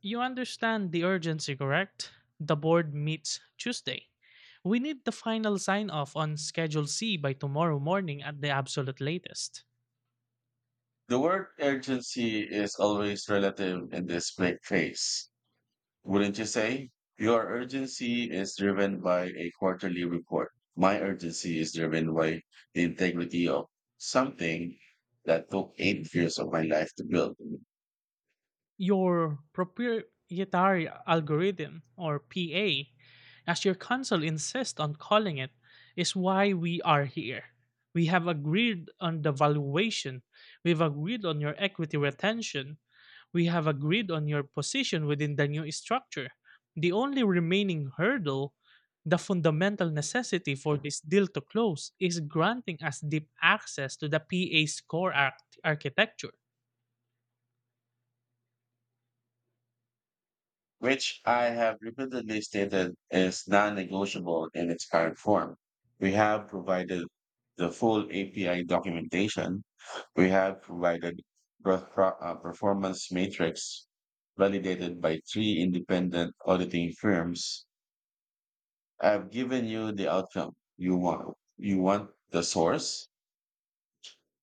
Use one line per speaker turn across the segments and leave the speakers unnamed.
You understand the urgency, correct? The board meets Tuesday. We need the final sign off on Schedule C by tomorrow morning at the absolute latest.
The word urgency is always relative in this big case, wouldn't you say? Your urgency is driven by a quarterly report. My urgency is driven by the integrity of something that took 8 years of my life to build,
Your proprietary algorithm, or PA, as your council insists on calling it, is why we are here. We have agreed on the valuation. We've agreed on your equity retention. We have agreed on your position within the new structure. The only remaining hurdle, the fundamental necessity for this deal to close, is granting us deep access to the PA's core architecture.
which I have repeatedly stated is non-negotiable in its current form. We have provided the full API documentation. We have provided performance matrix validated by three independent auditing firms. I've given you the outcome you want. You want the source.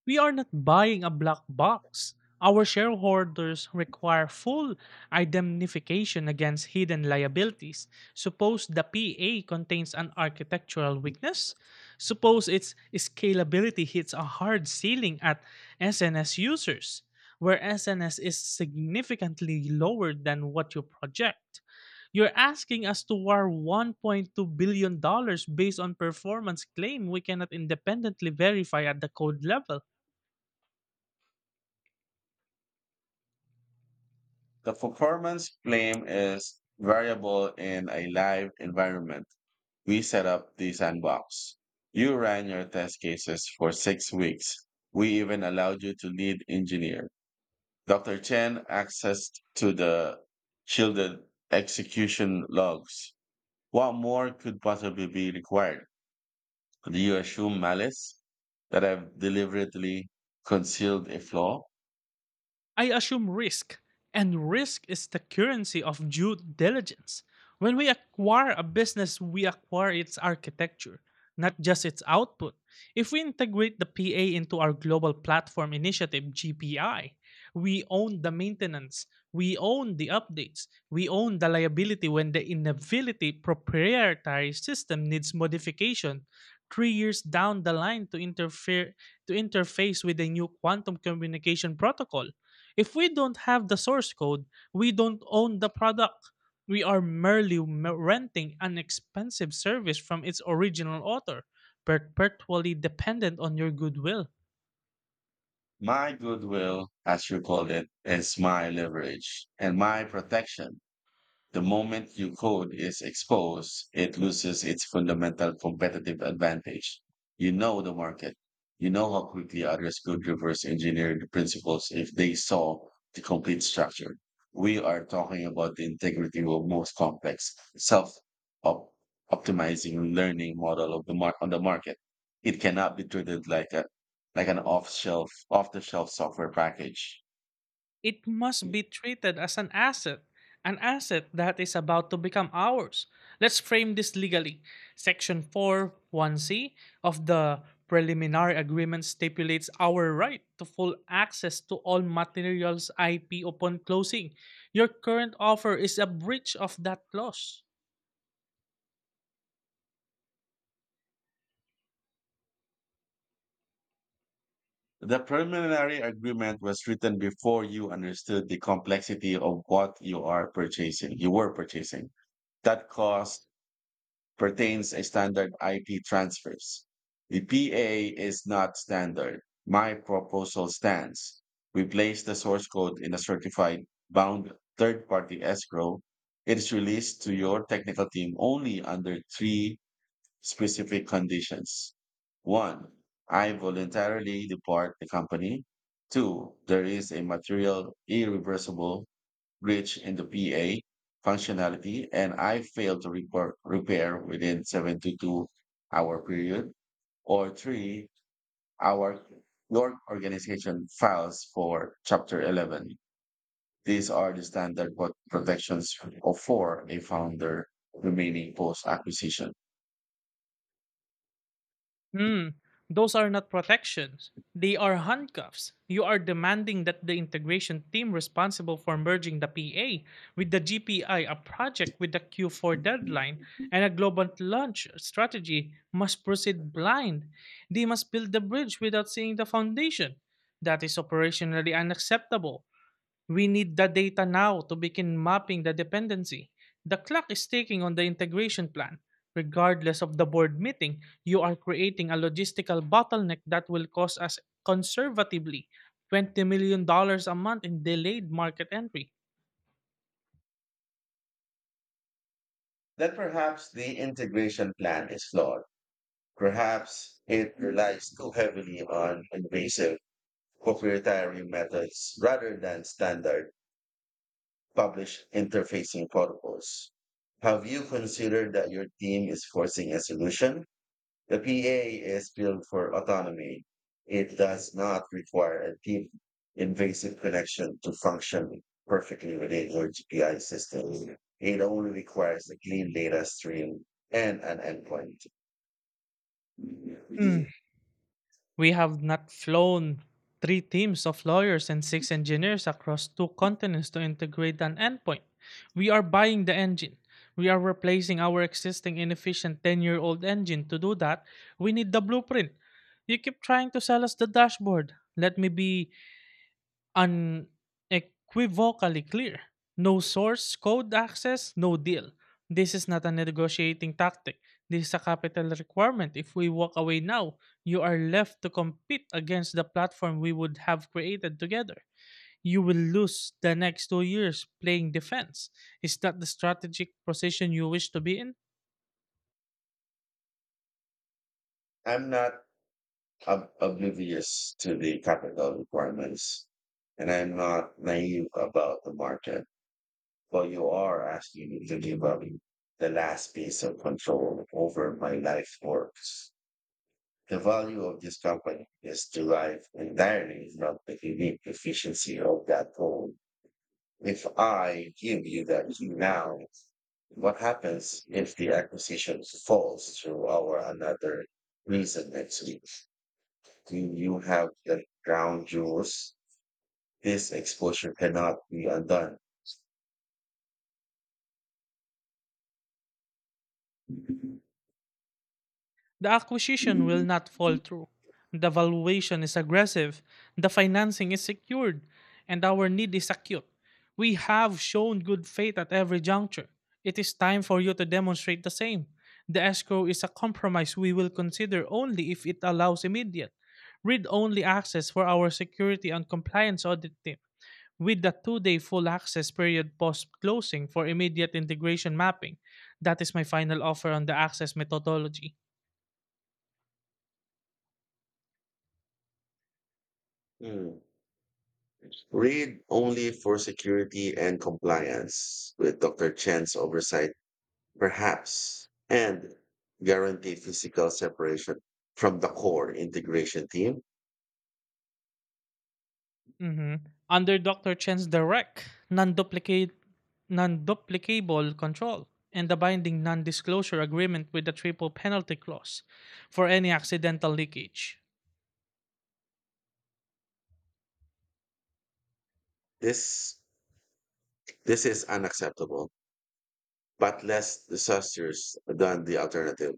We are not buying a black box. Our shareholders require full indemnification against hidden liabilities. Suppose the PA contains an architectural weakness. Suppose its scalability hits a hard ceiling at SNS users, where SNS is significantly lower than what you project. You're asking us to war $1.2 billion dollars based on performance claim we cannot independently verify at the code level.
The performance claim is variable in a live environment. We set up the sandbox. You ran your test cases for 6 weeks. We even allowed you to lead engineer. Dr. Chen accessed to the shielded execution logs. What more could possibly be required? Do you assume malice? That I've deliberately concealed a flaw?
I assume risk, and risk is the currency of due diligence. When we acquire a business, we acquire its architecture, not just its output. If we integrate the PA into our Global Platform Initiative, GPI, we own the maintenance, we own the updates, we own the liability when the inability proprietary system needs modification 3 years down the line to interfere to interface with the new quantum communication protocol if we don't have the source code, we don't own the product. We are merely renting an expensive service from its original author, perpetually dependent on your goodwill.
My goodwill, as you called it, is my leverage and my protection. The moment your code is exposed, it loses its fundamental competitive advantage. You know the market. You know how quickly others could reverse engineer the principles if they saw the complete structure. We are talking about the integrity of most complex self-optimizing learning model on the market. It cannot be treated like a like an off-shelf off-the-shelf software package.
It must be treated as an asset that is about to become ours. Let's frame this legally. Section four one c of the preliminary agreement stipulates our right to full access to all materials IP upon closing. Your current offer is a breach of that clause.
The preliminary agreement was written before you understood the complexity of what you were purchasing. That cost pertains a standard IP transfers. The PA is not standard. My proposal stands. We place the source code in a certified bound third party escrow. It is released to your technical team only under three specific conditions. One, I voluntarily depart the company. Two, there is a material irreversible breach in the PA functionality and I fail to repair within 72-hour period. Or three, our your organization files for Chapter 11. These are the standard protections of for a founder remaining post acquisition.
Hmm, those are not protections. They are handcuffs. You are demanding that the integration team responsible for merging the PA with the GPI, a project with a Q4 deadline, and a global launch strategy must proceed blind. They must build the bridge without seeing the foundation. That is operationally unacceptable. We need the data now to begin mapping the dependency. The clock is ticking on the integration plan. Regardless of the board meeting, you are creating a logistical bottleneck that will cost us conservatively $20 million a month in delayed market entry.
Then perhaps the integration plan is flawed. Perhaps it relies too heavily on invasive proprietary methods rather than standard published interfacing protocols. Have you considered that your team is forcing a solution? The PA is built for autonomy. It does not require a deep, invasive connection to function perfectly within your GPI system. It only requires a clean data stream and an endpoint.
Hmm. We have not flown three teams of lawyers and six engineers across two continents to integrate an endpoint. We are buying the engine. We are replacing our existing inefficient 10 year old engine. To do that, we need the blueprint. You keep trying to sell us the dashboard. Let me be unequivocally clear. No source code access, no deal. This is not a negotiating tactic. This is a capital requirement. If we walk away now, you are left to compete against the platform we would have created together. You will lose the next 2 years playing defense. Is that the strategic position you wish to be in?
I'm not oblivious to the capital requirements, and I'm not naive about the market. But you are asking me to give up the last piece of control over my life works. The value of this company is derived entirely from the unique efficiency of that goal. If I give you that key now, what happens if the acquisition falls through or another reason next week? Do you have the ground rules? This exposure cannot be undone.
The acquisition will not fall through. The valuation is aggressive. The financing is secured. And our need is acute. We have shown good faith at every juncture. It is time for you to demonstrate the same. The escrow is a compromise we will consider only if it allows immediate, read only access for our security and compliance audit team with the 2 day full access period post closing for immediate integration mapping. That is my final offer on the access methodology.
Hmm. Read only for security and compliance with Dr. Chen's oversight, perhaps, and guarantee physical separation from the core integration team.
hmm Under Dr. Chen's direct, non duplicate non-duplicable control and the binding non-disclosure agreement with the triple penalty clause for any accidental leakage.
This this is unacceptable, but less disastrous than the alternative.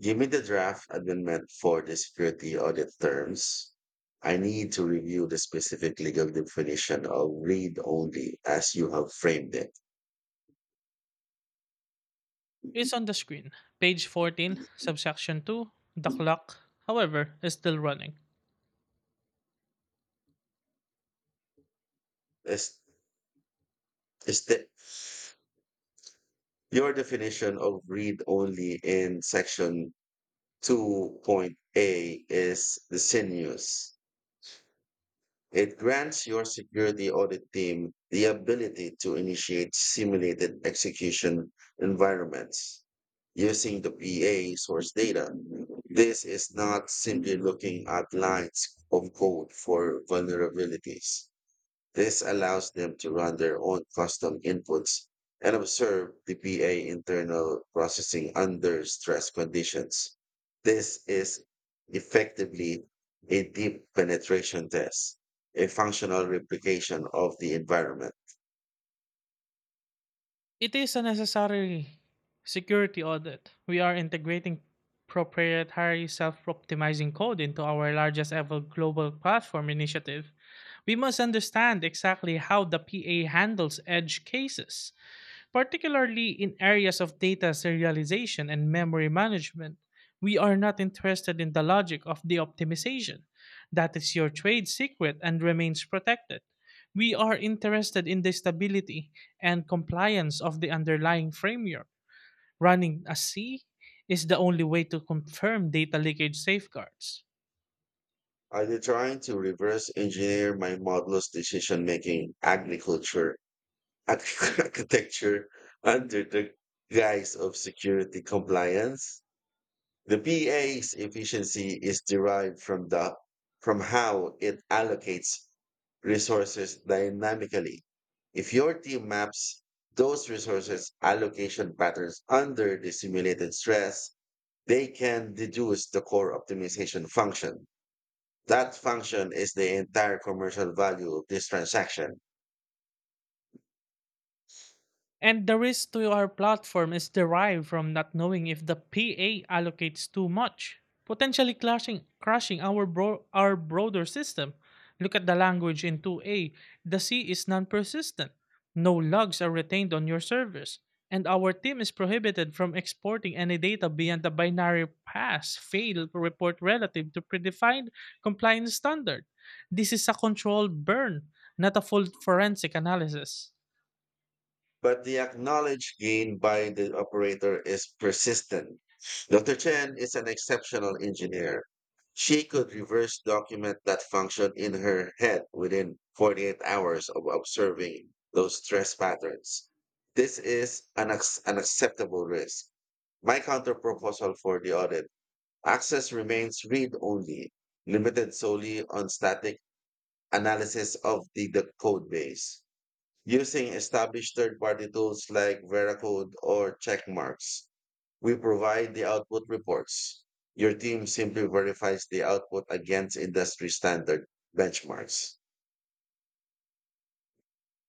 Give me the draft amendment for the security audit terms. I need to review the specific legal definition of read only as you have framed it.
Is on the screen. Page 14, subsection 2, the clock, however, is still running.
Is, is that Your definition of read only in section 2A is disingenuous. It grants your security audit team the ability to initiate simulated execution environments using the PA source data. This is not simply looking at lines of code for vulnerabilities. This allows them to run their own custom inputs and observe the PA internal processing under stress conditions. This is effectively a deep penetration test, a functional replication of the environment.
It is a necessary security audit. We are integrating proprietary self-optimizing code into our largest ever global platform initiative. We must understand exactly how the PA handles edge cases, particularly in areas of data serialization and memory management. We are not interested in the logic of the optimization. That is your trade secret and remains protected. We are interested in the stability and compliance of the underlying framework. Running a C is the only way to confirm data leakage safeguards.
Are they trying to reverse engineer my model's decision making agriculture architecture under the guise of security compliance? The PA's efficiency is derived from how it allocates resources dynamically. If your team maps those resources allocation patterns under the simulated stress, they can deduce the core optimization function. That function is the entire commercial value of this transaction.
And the risk to our platform is derived from not knowing if the PA allocates too much, potentially clashing, crushing our, our broader system. Look at the language in 2A. The C is non persistent. No logs are retained on your servers. And our team is prohibited from exporting any data beyond the binary pass fail report relative to predefined compliance standard. This is a controlled burn, not a full forensic analysis.
But the acknowledged gain by the operator is persistent. Dr. Chen is an exceptional engineer. She could reverse document that function in her head within 48 hours of observing those stress patterns. This is an acceptable risk. My counterproposal for the audit access remains read only, limited solely on static analysis of the code base. Using established third-party tools like Veracode or Checkmarks, we provide the output reports. Your team simply verifies the output against industry standard benchmarks.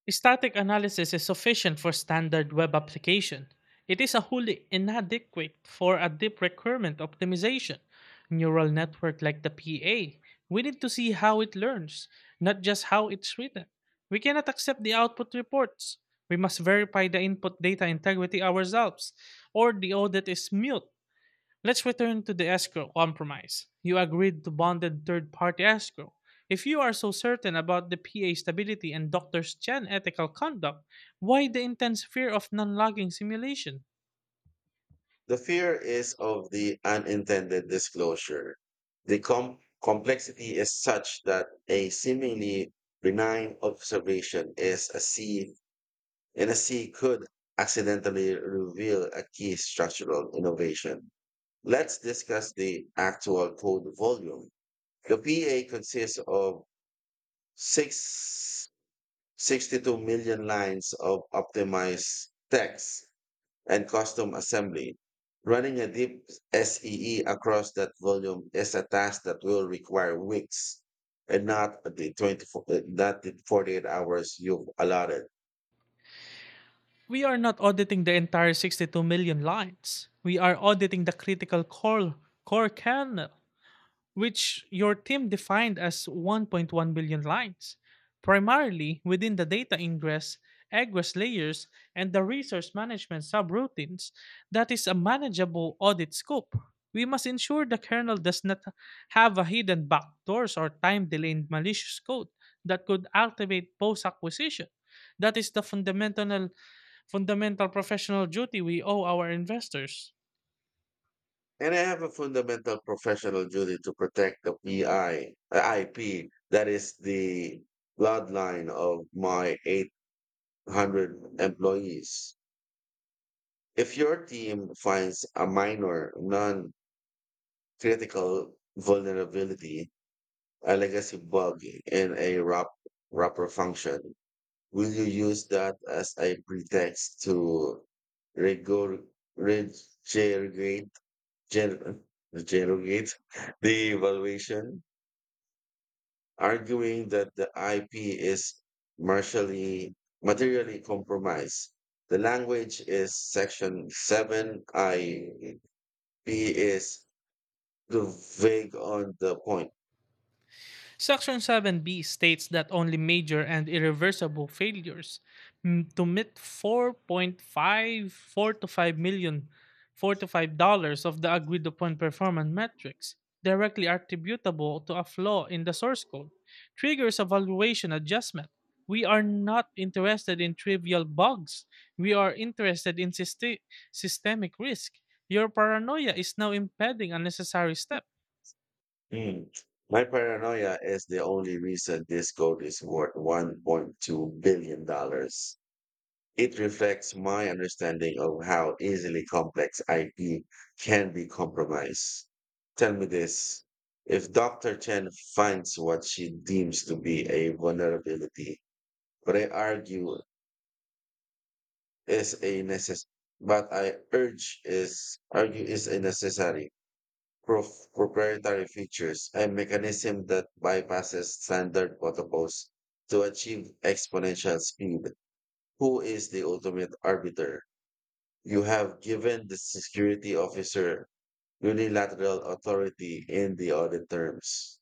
Static analysis is sufficient for standard web application. It is a wholly inadequate for a deep recurrent optimization neural network like the PA. We need to see how it learns, not just how it's written. We cannot accept the output reports. We must verify the input data integrity ourselves, or the audit is mute. Let's return to the escrow compromise. You agreed to bonded third party escrow. If you are so certain about the PA stability and Dr. Chen ethical conduct, why the intense fear of non logging simulation?
The fear is of the unintended disclosure. The complexity is such that a seemingly benign observation is a C, and a C could accidentally reveal a key structural innovation. Let's discuss the actual code volume. The PA consists of six sixty-two million lines of optimized text and custom assembly. Running a deep SEE across that volume is a task that will require weeks and not the 24, not the 48 hours you've allotted.
We are not auditing the entire 62 million lines. We are auditing the critical core kernel, which your team defined as 1.1 billion lines, primarily within the data ingress, egress layers, and the resource management subroutines. That is a manageable audit scope. We must ensure the kernel does not have a hidden backdoors or time delayed malicious code that could activate post acquisition. That is the fundamental professional duty we owe our investors.
And I have a fundamental professional duty to protect the PI, IP, that is the bloodline of my 800 employees. If your team finds a minor, non critical vulnerability, a legacy bug in a wrapper function, will you use that as a pretext to regurg- regurgitate, gen- regurgitate the evaluation, arguing that the IP is martially, materially compromised? The language is Section 7. IP is too vague on the point.
Section 7b states that only major and irreversible failures to meet 4.54 to five million four to $5 of the agreed upon performance metrics directly attributable to a flaw in the source code triggers a valuation adjustment. We are not interested in trivial bugs. We are interested in systemic risk. Your paranoia is now impeding unnecessary steps.
Hmm. My paranoia is the only reason this code is worth $1.2 billion dollars. It reflects my understanding of how easily complex IP can be compromised. Tell me this. If Dr. Chen finds what she deems to be a vulnerability, but I argue is a necess- but I urge is argue is a necessary proprietary features, a mechanism that bypasses standard protocols to achieve exponential speed. Who is the ultimate arbiter? You have given the security officer unilateral authority in the audit terms.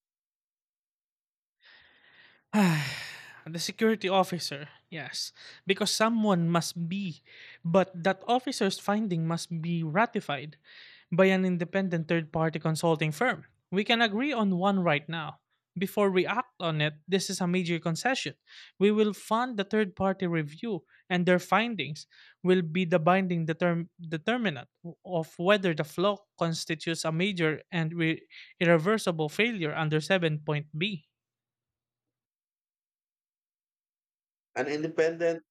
The security officer, yes, because someone must be, but that officer's finding must be ratified by an independent third party consulting firm. We can agree on one right now. Before we act on it, this is a major concession. We will fund the third party review, and their findings will be the binding determinant of whether the flaw constitutes a major and irreversible failure under seven point B.
An independent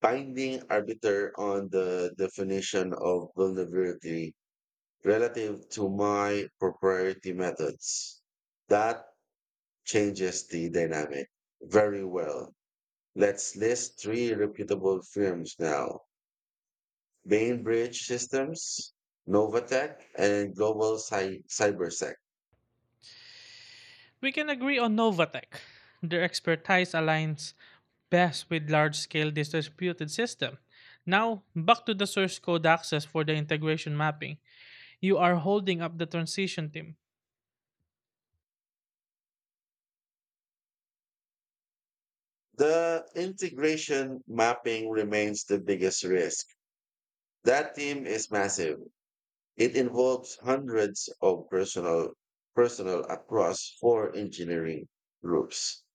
binding arbiter on the definition of vulnerability relative to my proprietary methods. That changes the dynamic. Very well. Let's list three reputable firms now. Bainbridge Systems, Novatech, and Global CyberSec.
We can agree on Novatech. Their expertise aligns best with large scale distributed system. Now, back to the source code access for the integration mapping. You are holding up the transition team.
The integration mapping remains the biggest risk. That team is massive. It involves hundreds of personal personnel across four engineering groups.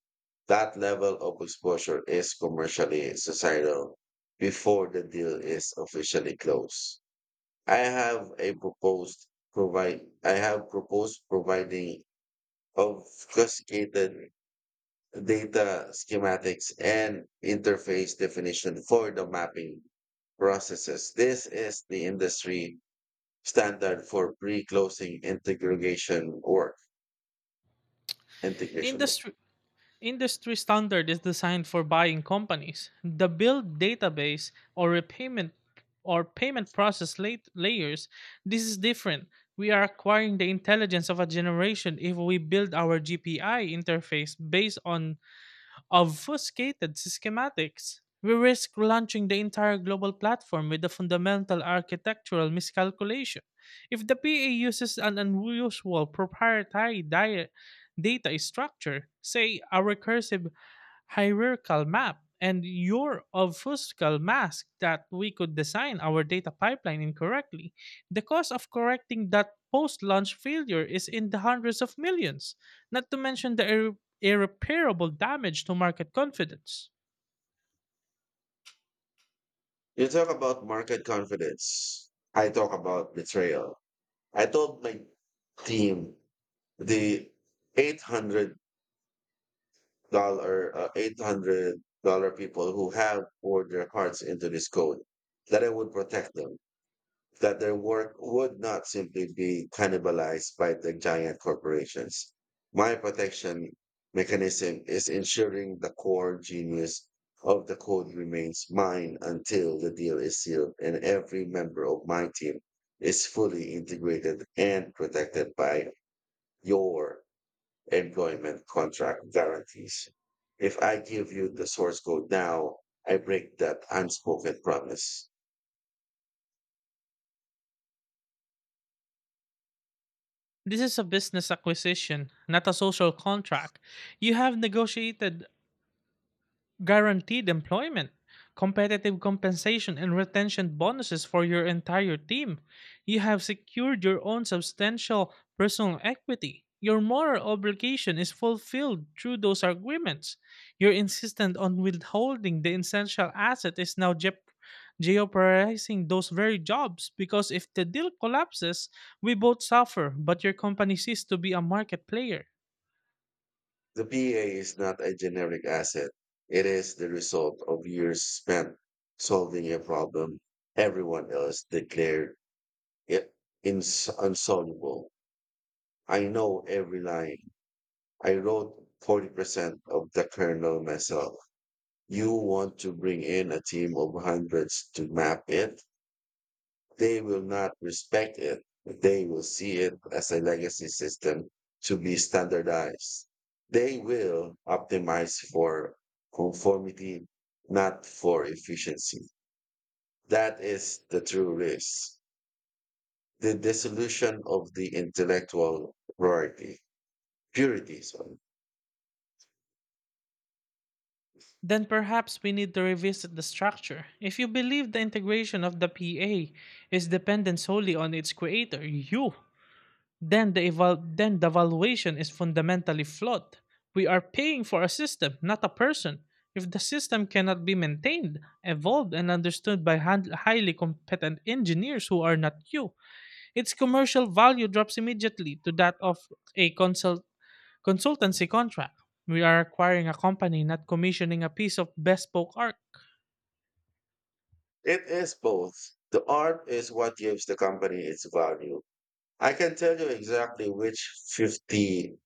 That level of exposure is commercially societal before the deal is officially closed. I have proposed providing obfuscated data schematics and interface definition for the mapping processes. This is the industry standard for pre-closing integration work. integration. work.
Industry Industry standard is designed for buying companies. The build database or repayment or payment process late layers, this is different. We are acquiring the intelligence of a generation if we build our GPI interface based on obfuscated schematics, we risk launching the entire global platform with a fundamental architectural miscalculation. If the PA uses an unusual proprietary data structure, say a recursive hierarchical map, and your obfuscal mask that we could design our data pipeline incorrectly, the cost of correcting that post launch failure is in the hundreds of millions, not to mention the irreparable damage to market confidence.
You talk about market confidence. I talk about betrayal. I told my team the $800 $800 people who have poured their hearts into this code that I would protect them, that their work would not simply be cannibalized by the giant corporations. My protection mechanism is ensuring the core genius of the code remains mine until the deal is sealed and every member of my team is fully integrated and protected by your employment contract guarantees. If I give you the source code now, I break that unspoken promise.
This is a business acquisition, not a social contract. You have negotiated guaranteed employment, competitive compensation, and retention bonuses for your entire team. You have secured your own substantial personal equity. Your moral obligation is fulfilled through those agreements. Your insistence on withholding the essential asset is now jeopardizing those very jobs because if the deal collapses, we both suffer, but your company ceased to be a market player.
The PA is not a generic asset. It is the result of years spent solving a problem everyone else declared it unsolvable. I know every line. I wrote 40% of the kernel myself. You want to bring in a team of hundreds to map it? They will not respect it. They will see it as a legacy system to be standardized. They will optimize for conformity, not for efficiency. That is the true risk. The dissolution of the intellectual purity. Sorry.
Then perhaps we need to revisit the structure. If you believe the integration of the PA is dependent solely on its creator, you, then the valuation is fundamentally flawed. We are paying for a system, not a person. If the system cannot be maintained, evolved, and understood by highly competent engineers who are not you, its commercial value drops immediately to that of a consultancy contract. We are acquiring a company, not commissioning a piece of bespoke art.
It is both. The art is what gives the company its value. I can tell you exactly which 50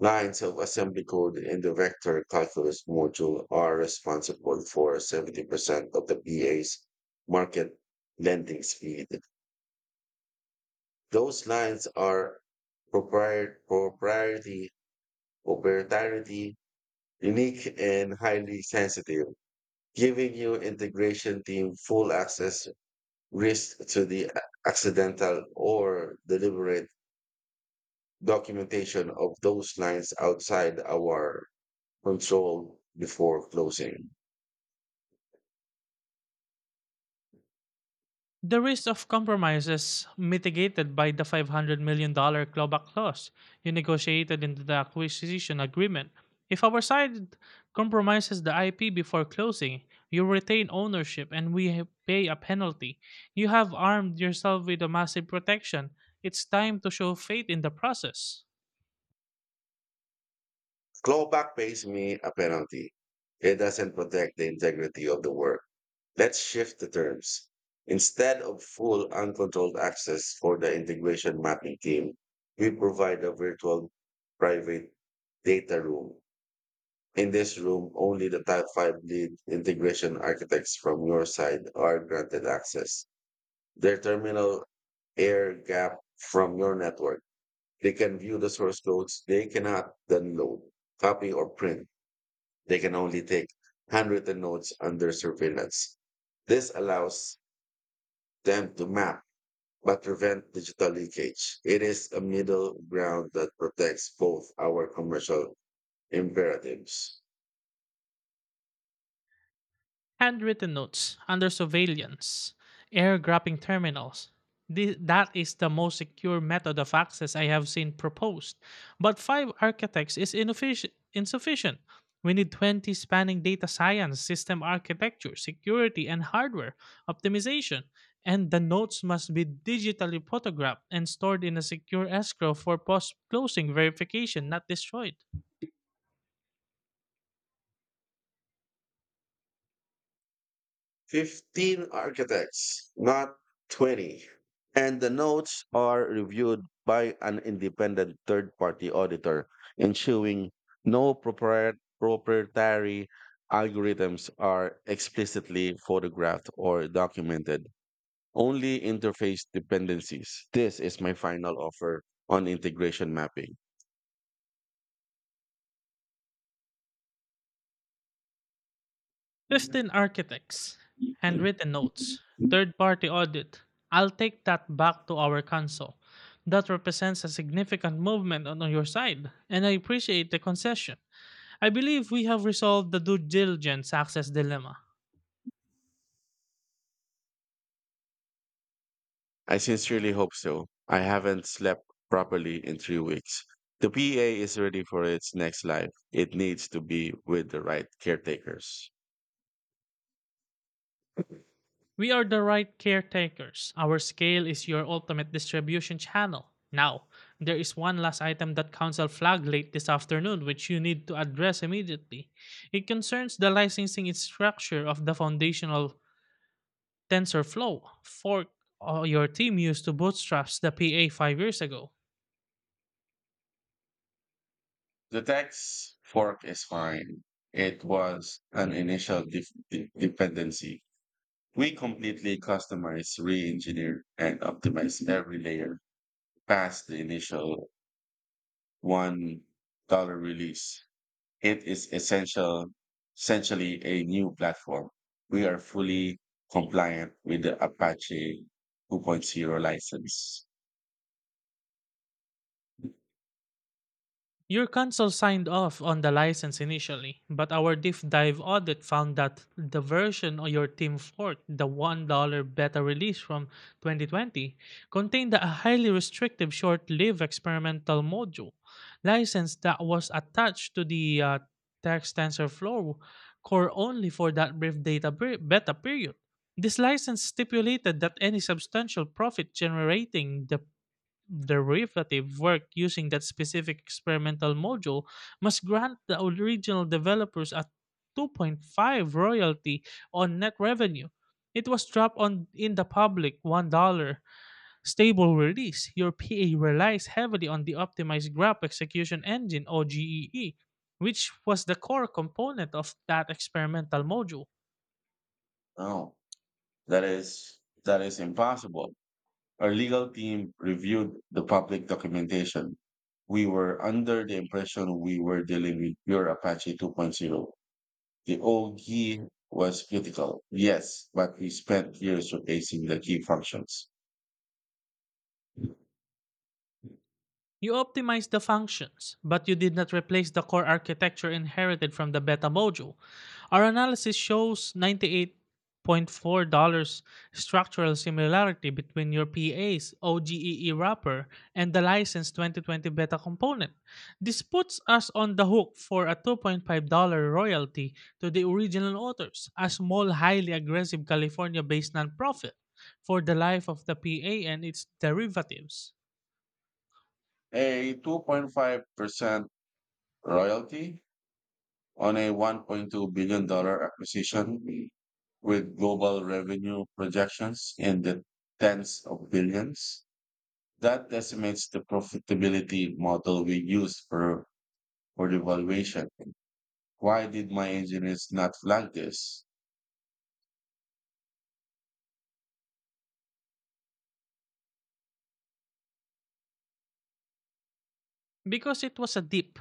lines of assembly code in the vector calculus module are responsible for 70% of the BA's market lending speed. Those lines are propriet- proprietary, proprietary, unique, and highly sensitive, giving your integration team full access risk to the accidental or deliberate documentation of those lines outside our control before closing.
The risk of compromise is mitigated by the $500 million dollars clawback clause you negotiated into the acquisition agreement. If our side compromises the IP before closing, you retain ownership and we pay a penalty. You have armed yourself with a massive protection. It's time to show faith in the process.
Clawback pays me a penalty. It doesn't protect the integrity of the work. Let's shift the terms. Instead of full uncontrolled access for the integration mapping team, we provide a virtual private data room. In this room, only the type 5 lead integration architects from your side are granted access. Their terminal air gap from your network. They can view the source codes. They cannot download, copy, or print. They can only take handwritten notes under surveillance. This allows them to map but prevent digital leakage. It is a middle ground that protects both our commercial imperatives.
Handwritten notes under surveillance, air grabbing terminals. That is the most secure method of access I have seen proposed. But five architects is insufficient. We need 20 spanning data science, system architecture, security, and hardware optimization. And the notes must be digitally photographed and stored in a secure escrow for post closing verification, not destroyed.
15 architects, not 20. And the notes are reviewed by an independent third party auditor, ensuring no proprietary algorithms are explicitly photographed or documented, only interface dependencies. This is my final offer on integration mapping.
Trusted architects, handwritten notes, third party audit. I'll take that back to our council. That represents a significant movement on your side, and I appreciate the concession. I believe we have resolved the due diligence access dilemma.
I sincerely hope so. I haven't slept properly in 3 weeks. The PA is ready for its next life. It needs to be with the right caretakers.
We are the right caretakers. Our scale is your ultimate distribution channel. Now, there is one last item that Council flagged late this afternoon which you need to address immediately. It concerns the licensing structure of the foundational TensorFlow fork your team used to bootstrap the PA 5 years ago.
The tax fork is fine. It was an initial dependency. We completely customized, re engineered, and optimized every layer past the initial $1 release. It is essentially a new platform. We are fully compliant with the Apache two point zero license.
Your council signed off on the license initially, but our deep dive audit found that the version of your team forked, the $1 beta release from 2020, contained a highly restrictive short lived experimental module license that was attached to the text TensorFlow core only for that brief beta period. This license stipulated that any substantial profit generating the derivative work using that specific experimental module must grant the original developers a 2.5 royalty on net revenue. It was dropped on in the public $1 stable release. Your PA relies heavily on the optimized graph execution engine or GEE, which was the core component of that experimental module.
No, that is impossible. Our legal team reviewed the public documentation. We were under the impression we were dealing with pure Apache two point zero. The old key was critical, yes, but we spent years replacing the key functions.
You optimized the functions, but you did not replace the core architecture inherited from the beta module. Our analysis shows $98.4 structural similarity between your PA's OGEE wrapper and the licensed 2020 beta component. This puts us on the hook for a $2.5 royalty to the original authors, a small, highly aggressive California based nonprofit, for the life of the PA and its derivatives.
A 2.5% royalty on a $1.2 billion dollar acquisition with global revenue projections in the tens of billions. That decimates the profitability model we used for the valuation. Why did my engineers not flag this?
Because it was a deep,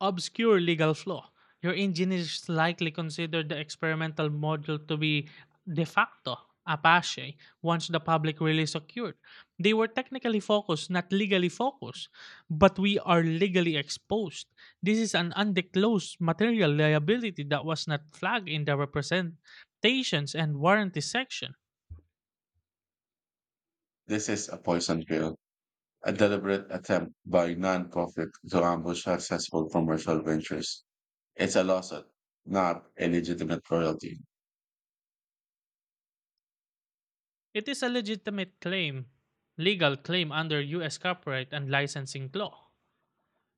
obscure legal flaw, your engineers likely considered the experimental module to be de facto Apache once the public release occurred. They were technically focused, not legally focused, but we are legally exposed. This is an undisclosed material liability that was not flagged in the represent stations and warranty section.
This is a poison pill, a deliberate attempt by non-profit to ambush successful commercial ventures. It's a lawsuit, not a legitimate royalty.
It is a legitimate claim, legal claim under US copyright and licensing law.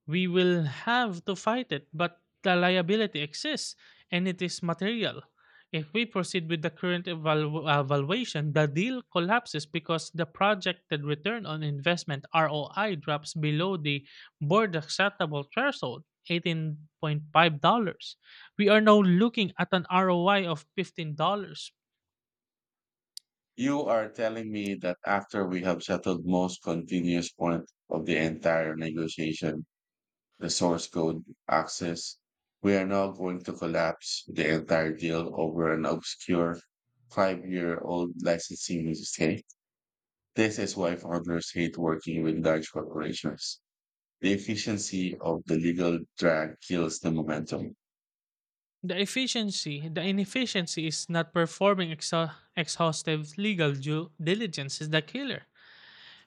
We will have to fight it, but the liability exists and it is material. If we proceed with the current evaluation, the deal collapses because the projected return on investment ROI drops below the board acceptable threshold, $18.5. We are now looking at an ROI of $15.
You are telling me that after we have settled most continuous point of the entire negotiation, the source code access, we are now going to collapse the entire deal over an obscure five-year-old licensing mistake. This is why founders hate working with large corporations. The efficiency of the legal drag kills the momentum.
The inefficiency is not performing exhaustive legal due diligence is the killer.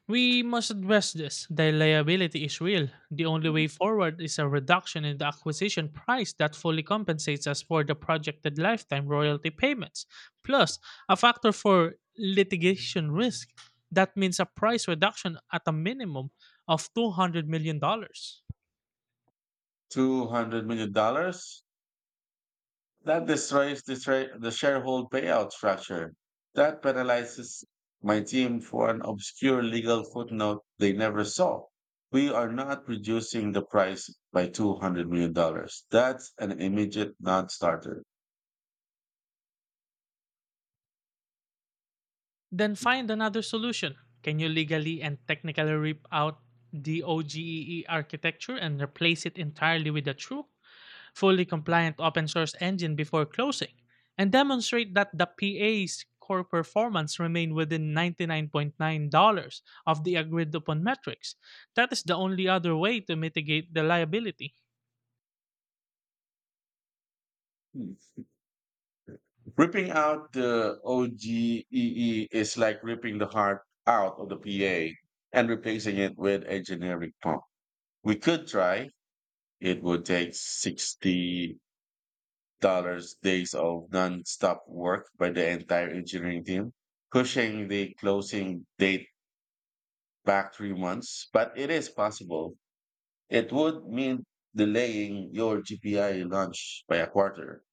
We must address this. The liability is real. The only way forward is a reduction in the acquisition price that fully compensates us for the projected lifetime royalty payments, plus a factor for litigation risk. That means a price reduction at a minimum of $200 million dollars.
$200 million dollars? That destroys the sharehold payout structure. That penalizes my team for an obscure legal footnote they never saw. We are not reducing the price by $200 million dollars. That's an immediate non starter.
Then find another solution. Can you legally and technically rip out the OGEE architecture and replace it entirely with a true, fully compliant open source engine before closing? And demonstrate that the PA's core performance remained within 99.9 dollars of the agreed upon metrics. That is the only other way to mitigate the liability.
Ripping out the OGEE is like ripping the heart out of the PA and replacing it with a generic pump. We could try. It would take 60 dollars days of non-stop work by the entire engineering team, pushing the closing date back 3 months. But it is possible. It would mean delaying your GPI launch by a quarter.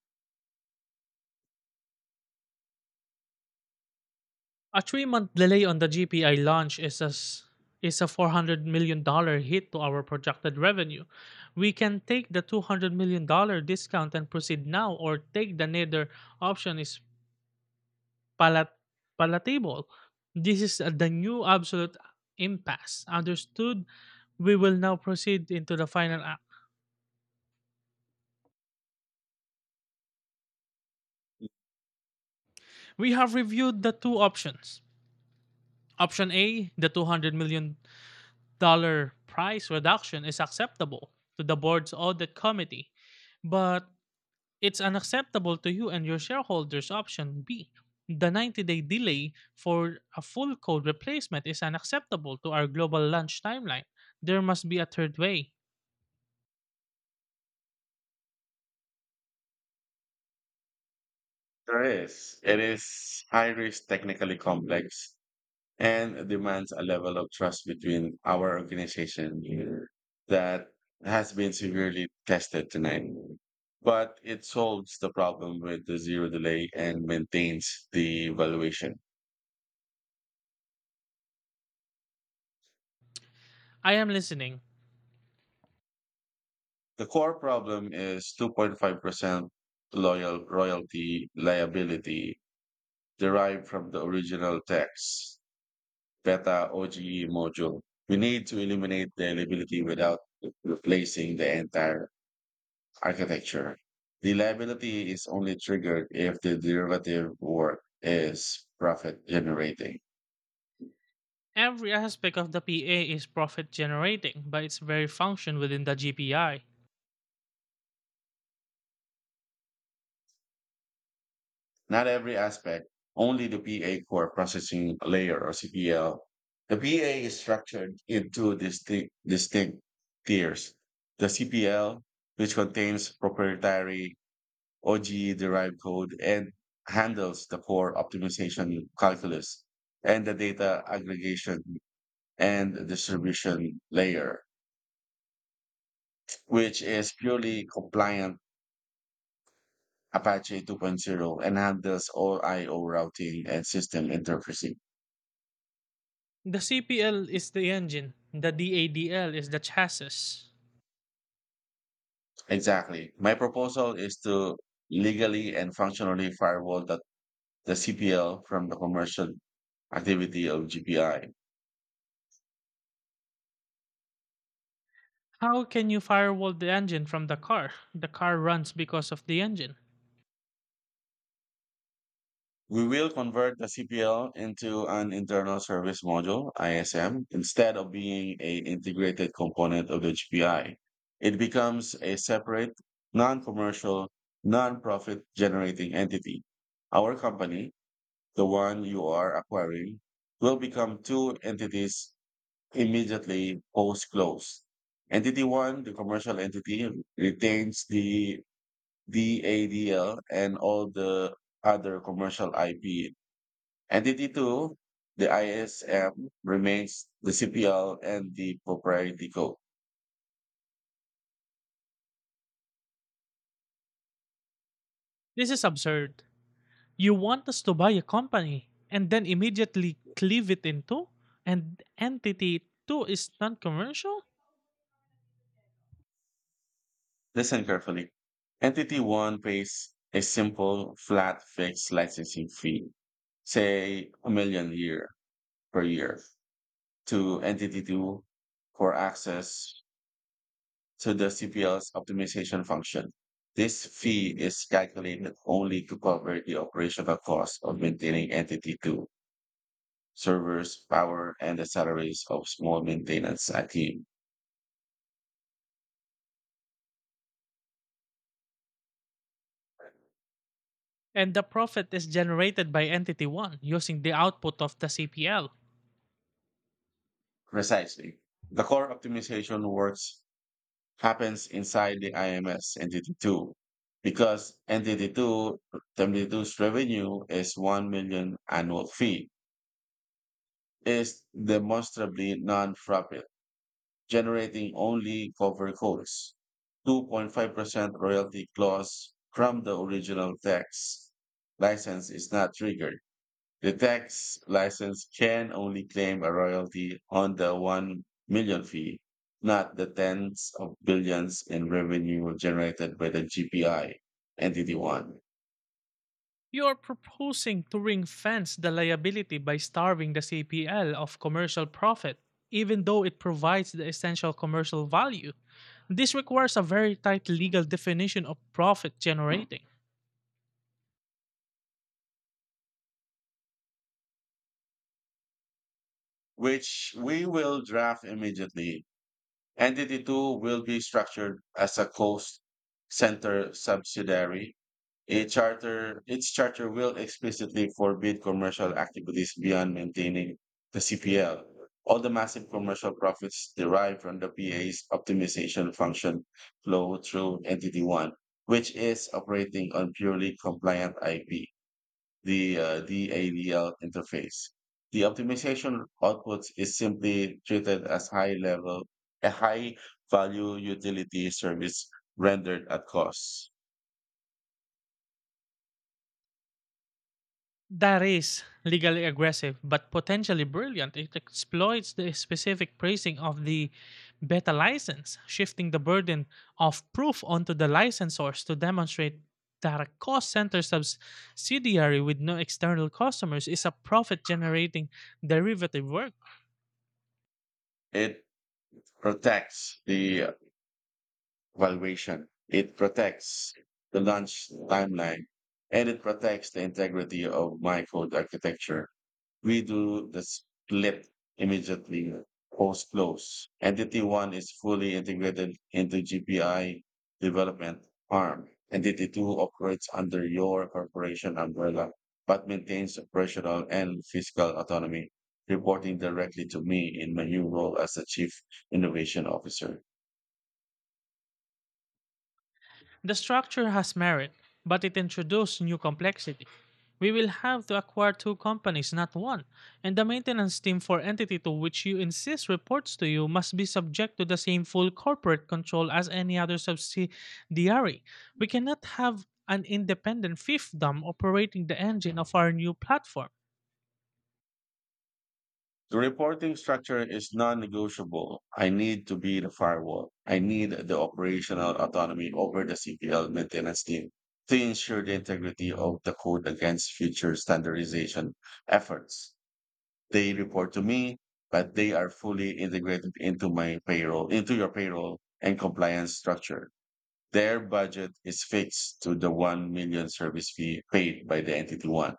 A three-month delay on the GPI launch is a $400 million dollars hit to our projected revenue. We can take the $200 million dollars discount and proceed now, or take the neither option is palat- palatable. This is the new absolute impasse. Understood? We will now proceed into the final act. We have reviewed the two options. Option A, the $200 million dollars price reduction, is acceptable to the board's audit committee, but it's unacceptable to you and your shareholders. Option B. The 90 day delay for a full code replacement is unacceptable to our global launch timeline. There must be a third way.
There is. It is high risk, technically complex, and demands a level of trust between our organization that has been severely tested tonight. But it solves the problem with the zero delay and maintains the valuation.
I am listening.
The core problem is 2.5% loyal royalty liability derived from the original text beta OGE module. We need to eliminate the liability without replacing the entire architecture. Reliability is only triggered if the derivative work is profit generating.
Every aspect of the PA is profit generating by its very function within the GPI.
Not every aspect, only the PA core processing layer or CPL. The PA is structured into distinct tiers. The CPL, which contains proprietary OGE-derived code and handles the core optimization calculus, and the data aggregation and distribution layer, which is purely compliant Apache 2.0 and handles all IO routing and system interfacing.
The CPL is the engine, the DADL is the chassis.
Exactly. My proposal is to legally and functionally firewall the CPL from the commercial activity of GPI.
How can you firewall the engine from the car? The car runs because of the engine.
We will convert the CPL into an internal service module, ISM, instead of being a integrated component of the GPI. It becomes a separate, non-commercial, non-profit generating entity. Our company, the one you are acquiring, will become two entities immediately post-close. Entity one, the commercial entity, retains the DADL and all the other commercial IP. Entity 2, the ISM, remains the CPL and the proprietary code.
This is absurd. You want us to buy a company and then immediately cleave it into two? And entity two is non commercial?
Listen carefully. Entity 1 pays a simple, flat, fixed licensing fee, say a million year per year, to Entity 2 for access to the CPL's optimization function. This fee is calculated only to cover the operational cost of maintaining Entity 2 servers, power, and the salaries of small maintenance team.
And the profit is generated by entity one using the output of the CPL.
Precisely. The core optimization works happens inside the IMS, entity two, because entity two's revenue is 1 million annual fee, is demonstrably non-profit, generating only cover costs. 2.5% royalty clause from the original text license is not triggered. The tax license can only claim a royalty on the 1 million fee, not the tens of billions in revenue generated by the GPI, Entity 1,
You are proposing to ring fence the liability by starving the CPL of commercial profit, even though it provides the essential commercial value. This requires a very tight legal definition of profit generating.
which we will draft immediately. Entity 2 will be structured as a coast center subsidiary. Its charter will explicitly forbid commercial activities beyond maintaining the CPL. All the massive commercial profits derived from the PA's optimization function flow through Entity 1, which is operating on purely compliant IP, the DAVL interface. The optimization output is simply treated as a high value utility service rendered at cost.
That is legally aggressive, but potentially brilliant. It exploits the specific praising of the beta license, shifting the burden of proof onto the licensors to demonstrate that a cost center subsidiary with no external customers is a profit generating derivative work.
It protects the valuation. It protects the launch timeline, and it protects the integrity of my code architecture. We do the split immediately post close. Entity one is fully integrated into GPI development arm. Entity two operates under your corporation umbrella, but maintains operational and fiscal autonomy, reporting directly to me in my new role as the chief innovation officer.
The structure has merit, but it introduced new complexity. We will have to acquire two companies, not one, and the maintenance team for entity to which you insist reports to you must be subject to the same full corporate control as any other subsidiary. We cannot have an independent fiefdom operating the engine of our new platform.
The reporting structure is non-negotiable. I need to be the firewall. I need the operational autonomy over the CPL maintenance team to ensure the integrity of the code against future standardization efforts. They report to me, but they are fully integrated into my payroll, into your payroll and compliance structure. Their budget is fixed to the 1 million service fee paid by the entity one.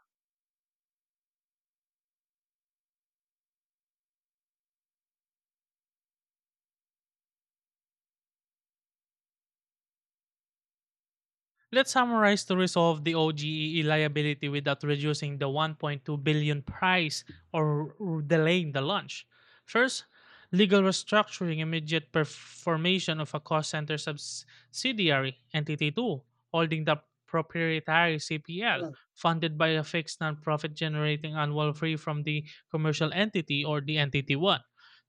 Let's summarize to resolve the OGEE liability without reducing the 1.2 billion price or delaying the launch. First, legal restructuring immediate formation of a cost center subsidiary entity 2 holding the proprietary CPL funded by a fixed non-profit generating annual fee from the commercial entity or the entity 1.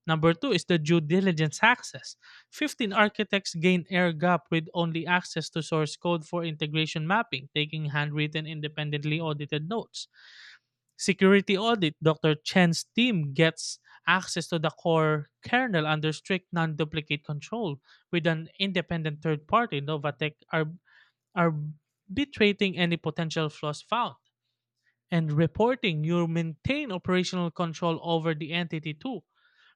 Number 2 is the due diligence access 15 architects gained air gap with only access to source code for integration mapping, taking handwritten independently audited notes. Security audit Dr. Chen's team gets access to the core kernel under strict non duplicate control with an independent third party, Novatech, arbitrating any potential flaws found. And reporting, you maintain operational control over the entity too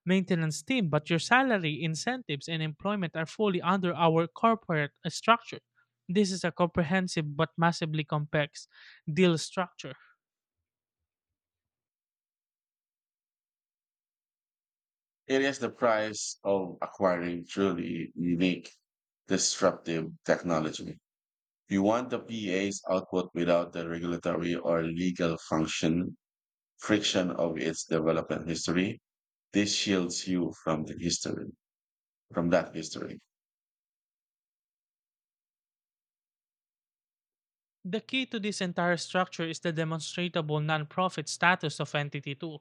maintenance team, but your salary, incentives, and employment are fully under our corporate structure. This is a comprehensive but massively complex deal structure.
It is the price of acquiring truly unique, disruptive technology. You want the PA's output without the regulatory or legal function friction of its development history. This shields you from the history, from that history.
The key to this entire structure is the demonstrable nonprofit status of Entity 2.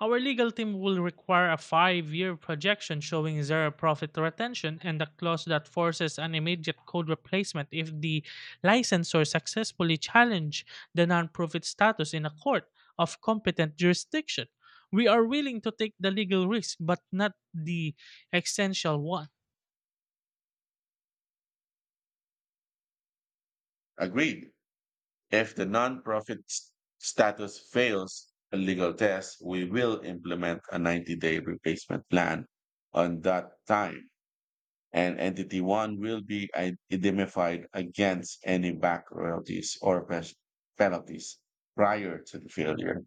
Our legal team will require a 5 year projection showing zero profit retention and a clause that forces an immediate code replacement if the licensor successfully challenges the nonprofit status in a court of competent jurisdiction. We are willing to take the legal risk, but not the essential one.
Agreed. If the nonprofit status fails a legal test, we will implement a 90-day replacement plan on that time. And entity one will be indemnified against any back royalties or penalties prior to the failure.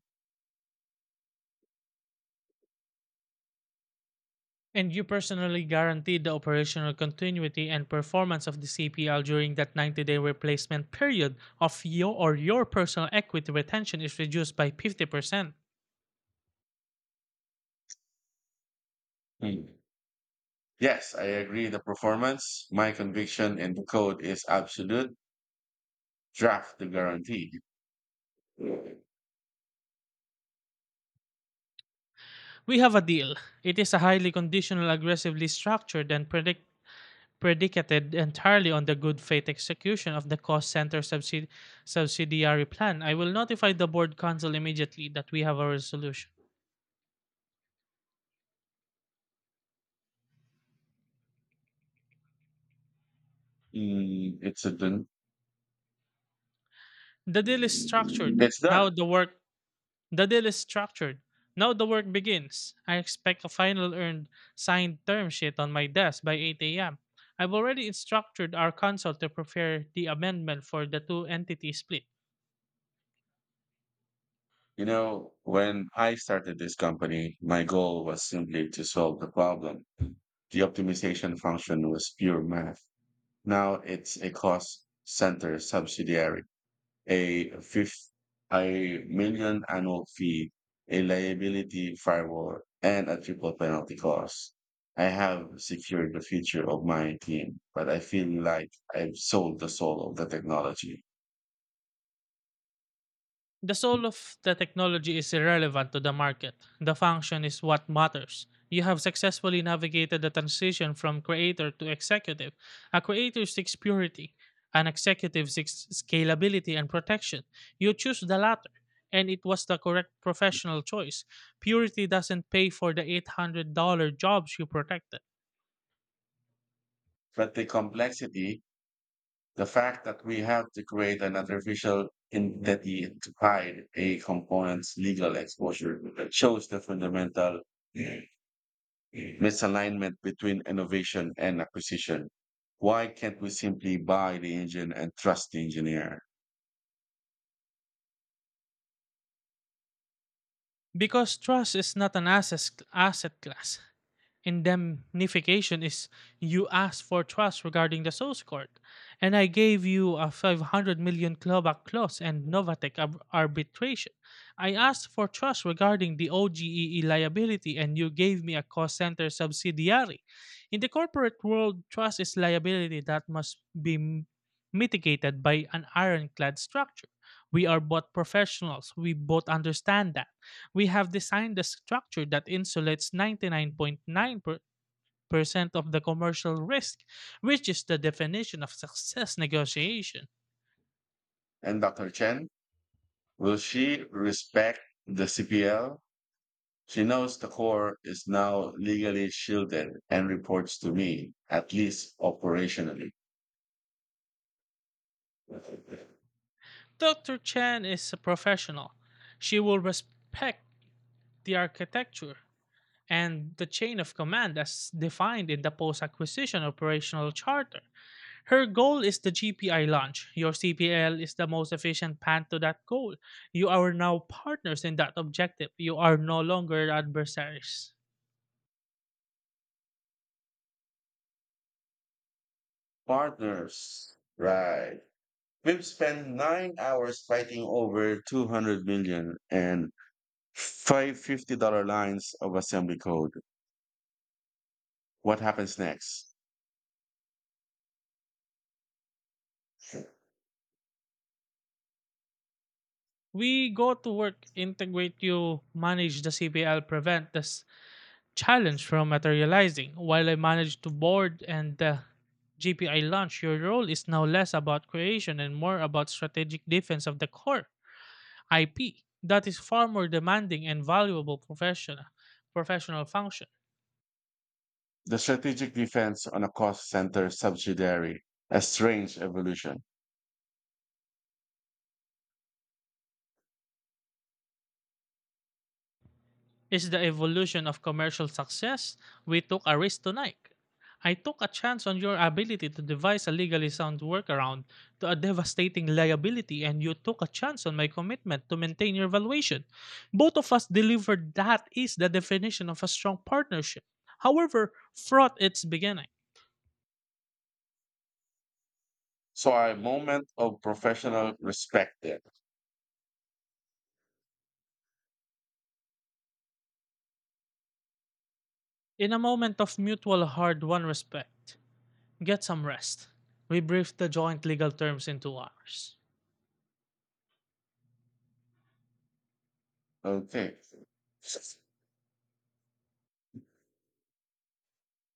And you personally guaranteed the operational continuity and performance of the CPL during that 90-day replacement period of your or your personal equity retention is reduced by 50%.
Hmm. Yes, I agree. The performance, my conviction in the code is absolute. Draft the guarantee.
We have a deal. It is a highly conditional, aggressively structured and predict predicated entirely on the good faith execution of the cost center subsidiary plan. I will notify the board council immediately that we have a resolution.
Mm, it's a done.
The deal is structured.
It's
Now
done.
the work the deal is structured. Now the work begins. I expect a final earned signed term sheet on my desk by 8 a.m. I've already instructed our council to prepare the amendment for the two entity split.
When I started this company, my goal was simply to solve the problem. The optimization function was pure math. Now it's a cost center subsidiary, a fifth, a million annual fee, a liability firewall, and a triple penalty cost. I have secured the future of my team, but I feel like I've sold the soul of the technology.
The soul of the technology is irrelevant to the market. The function is what matters. You have successfully navigated the transition from creator to executive. A creator seeks purity, an executive seeks scalability and protection. You choose the latter, and it was the correct professional choice. Purity doesn't pay for the $800 jobs you protected.
But the complexity. The fact that we have to create an artificial entity to hide a component's legal exposure shows the fundamental misalignment between innovation and acquisition. Why can't we simply buy the engine and trust the engineer?
Because trust is not an asset class, indemnification is you asked for trust regarding the source court, and I gave you a 500 million clawback clause and Novatech arbitration. I asked for trust regarding the OGEE liability, and you gave me a cost center subsidiary. In the corporate world, trust is liability that must be mitigated by an ironclad structure. We are both professionals. We both understand that we have designed a structure that insulates 99.9% of the commercial risk, which is the definition of success negotiation.
And Dr. Chen, will she respect the CPL? She knows the core is now legally shielded and reports to me, at least operationally.
Dr. Chen is a professional. She will respect the architecture, and the chain of command as defined in the post acquisition operational charter. Her goal is the GPI launch. Your CPL is the most efficient path to that goal. You are now partners in that objective. You are no longer adversaries.
Partners, right? We've spent 9 hours fighting over $200 million lines of assembly code. What happens next?
We go to work, integrate you, manage the CPL, prevent this challenge from materializing. While I manage to board and GPI launch, your role is now less about creation and more about strategic defense of the core. IP that is far more demanding and valuable professional function.
The strategic defense on a cost center subsidiary, a strange evolution.
Is the evolution of commercial success we took a risk tonight. I took a chance on your ability to devise a legally sound workaround to a devastating liability, and you took a chance on my commitment to maintain your valuation. Both of us delivered that is the definition of a strong partnership. However, fraught its beginning.
So, a moment of professional respect there.
In a moment of mutual hard won respect, get some rest. We briefed the joint legal terms into ours.
Okay.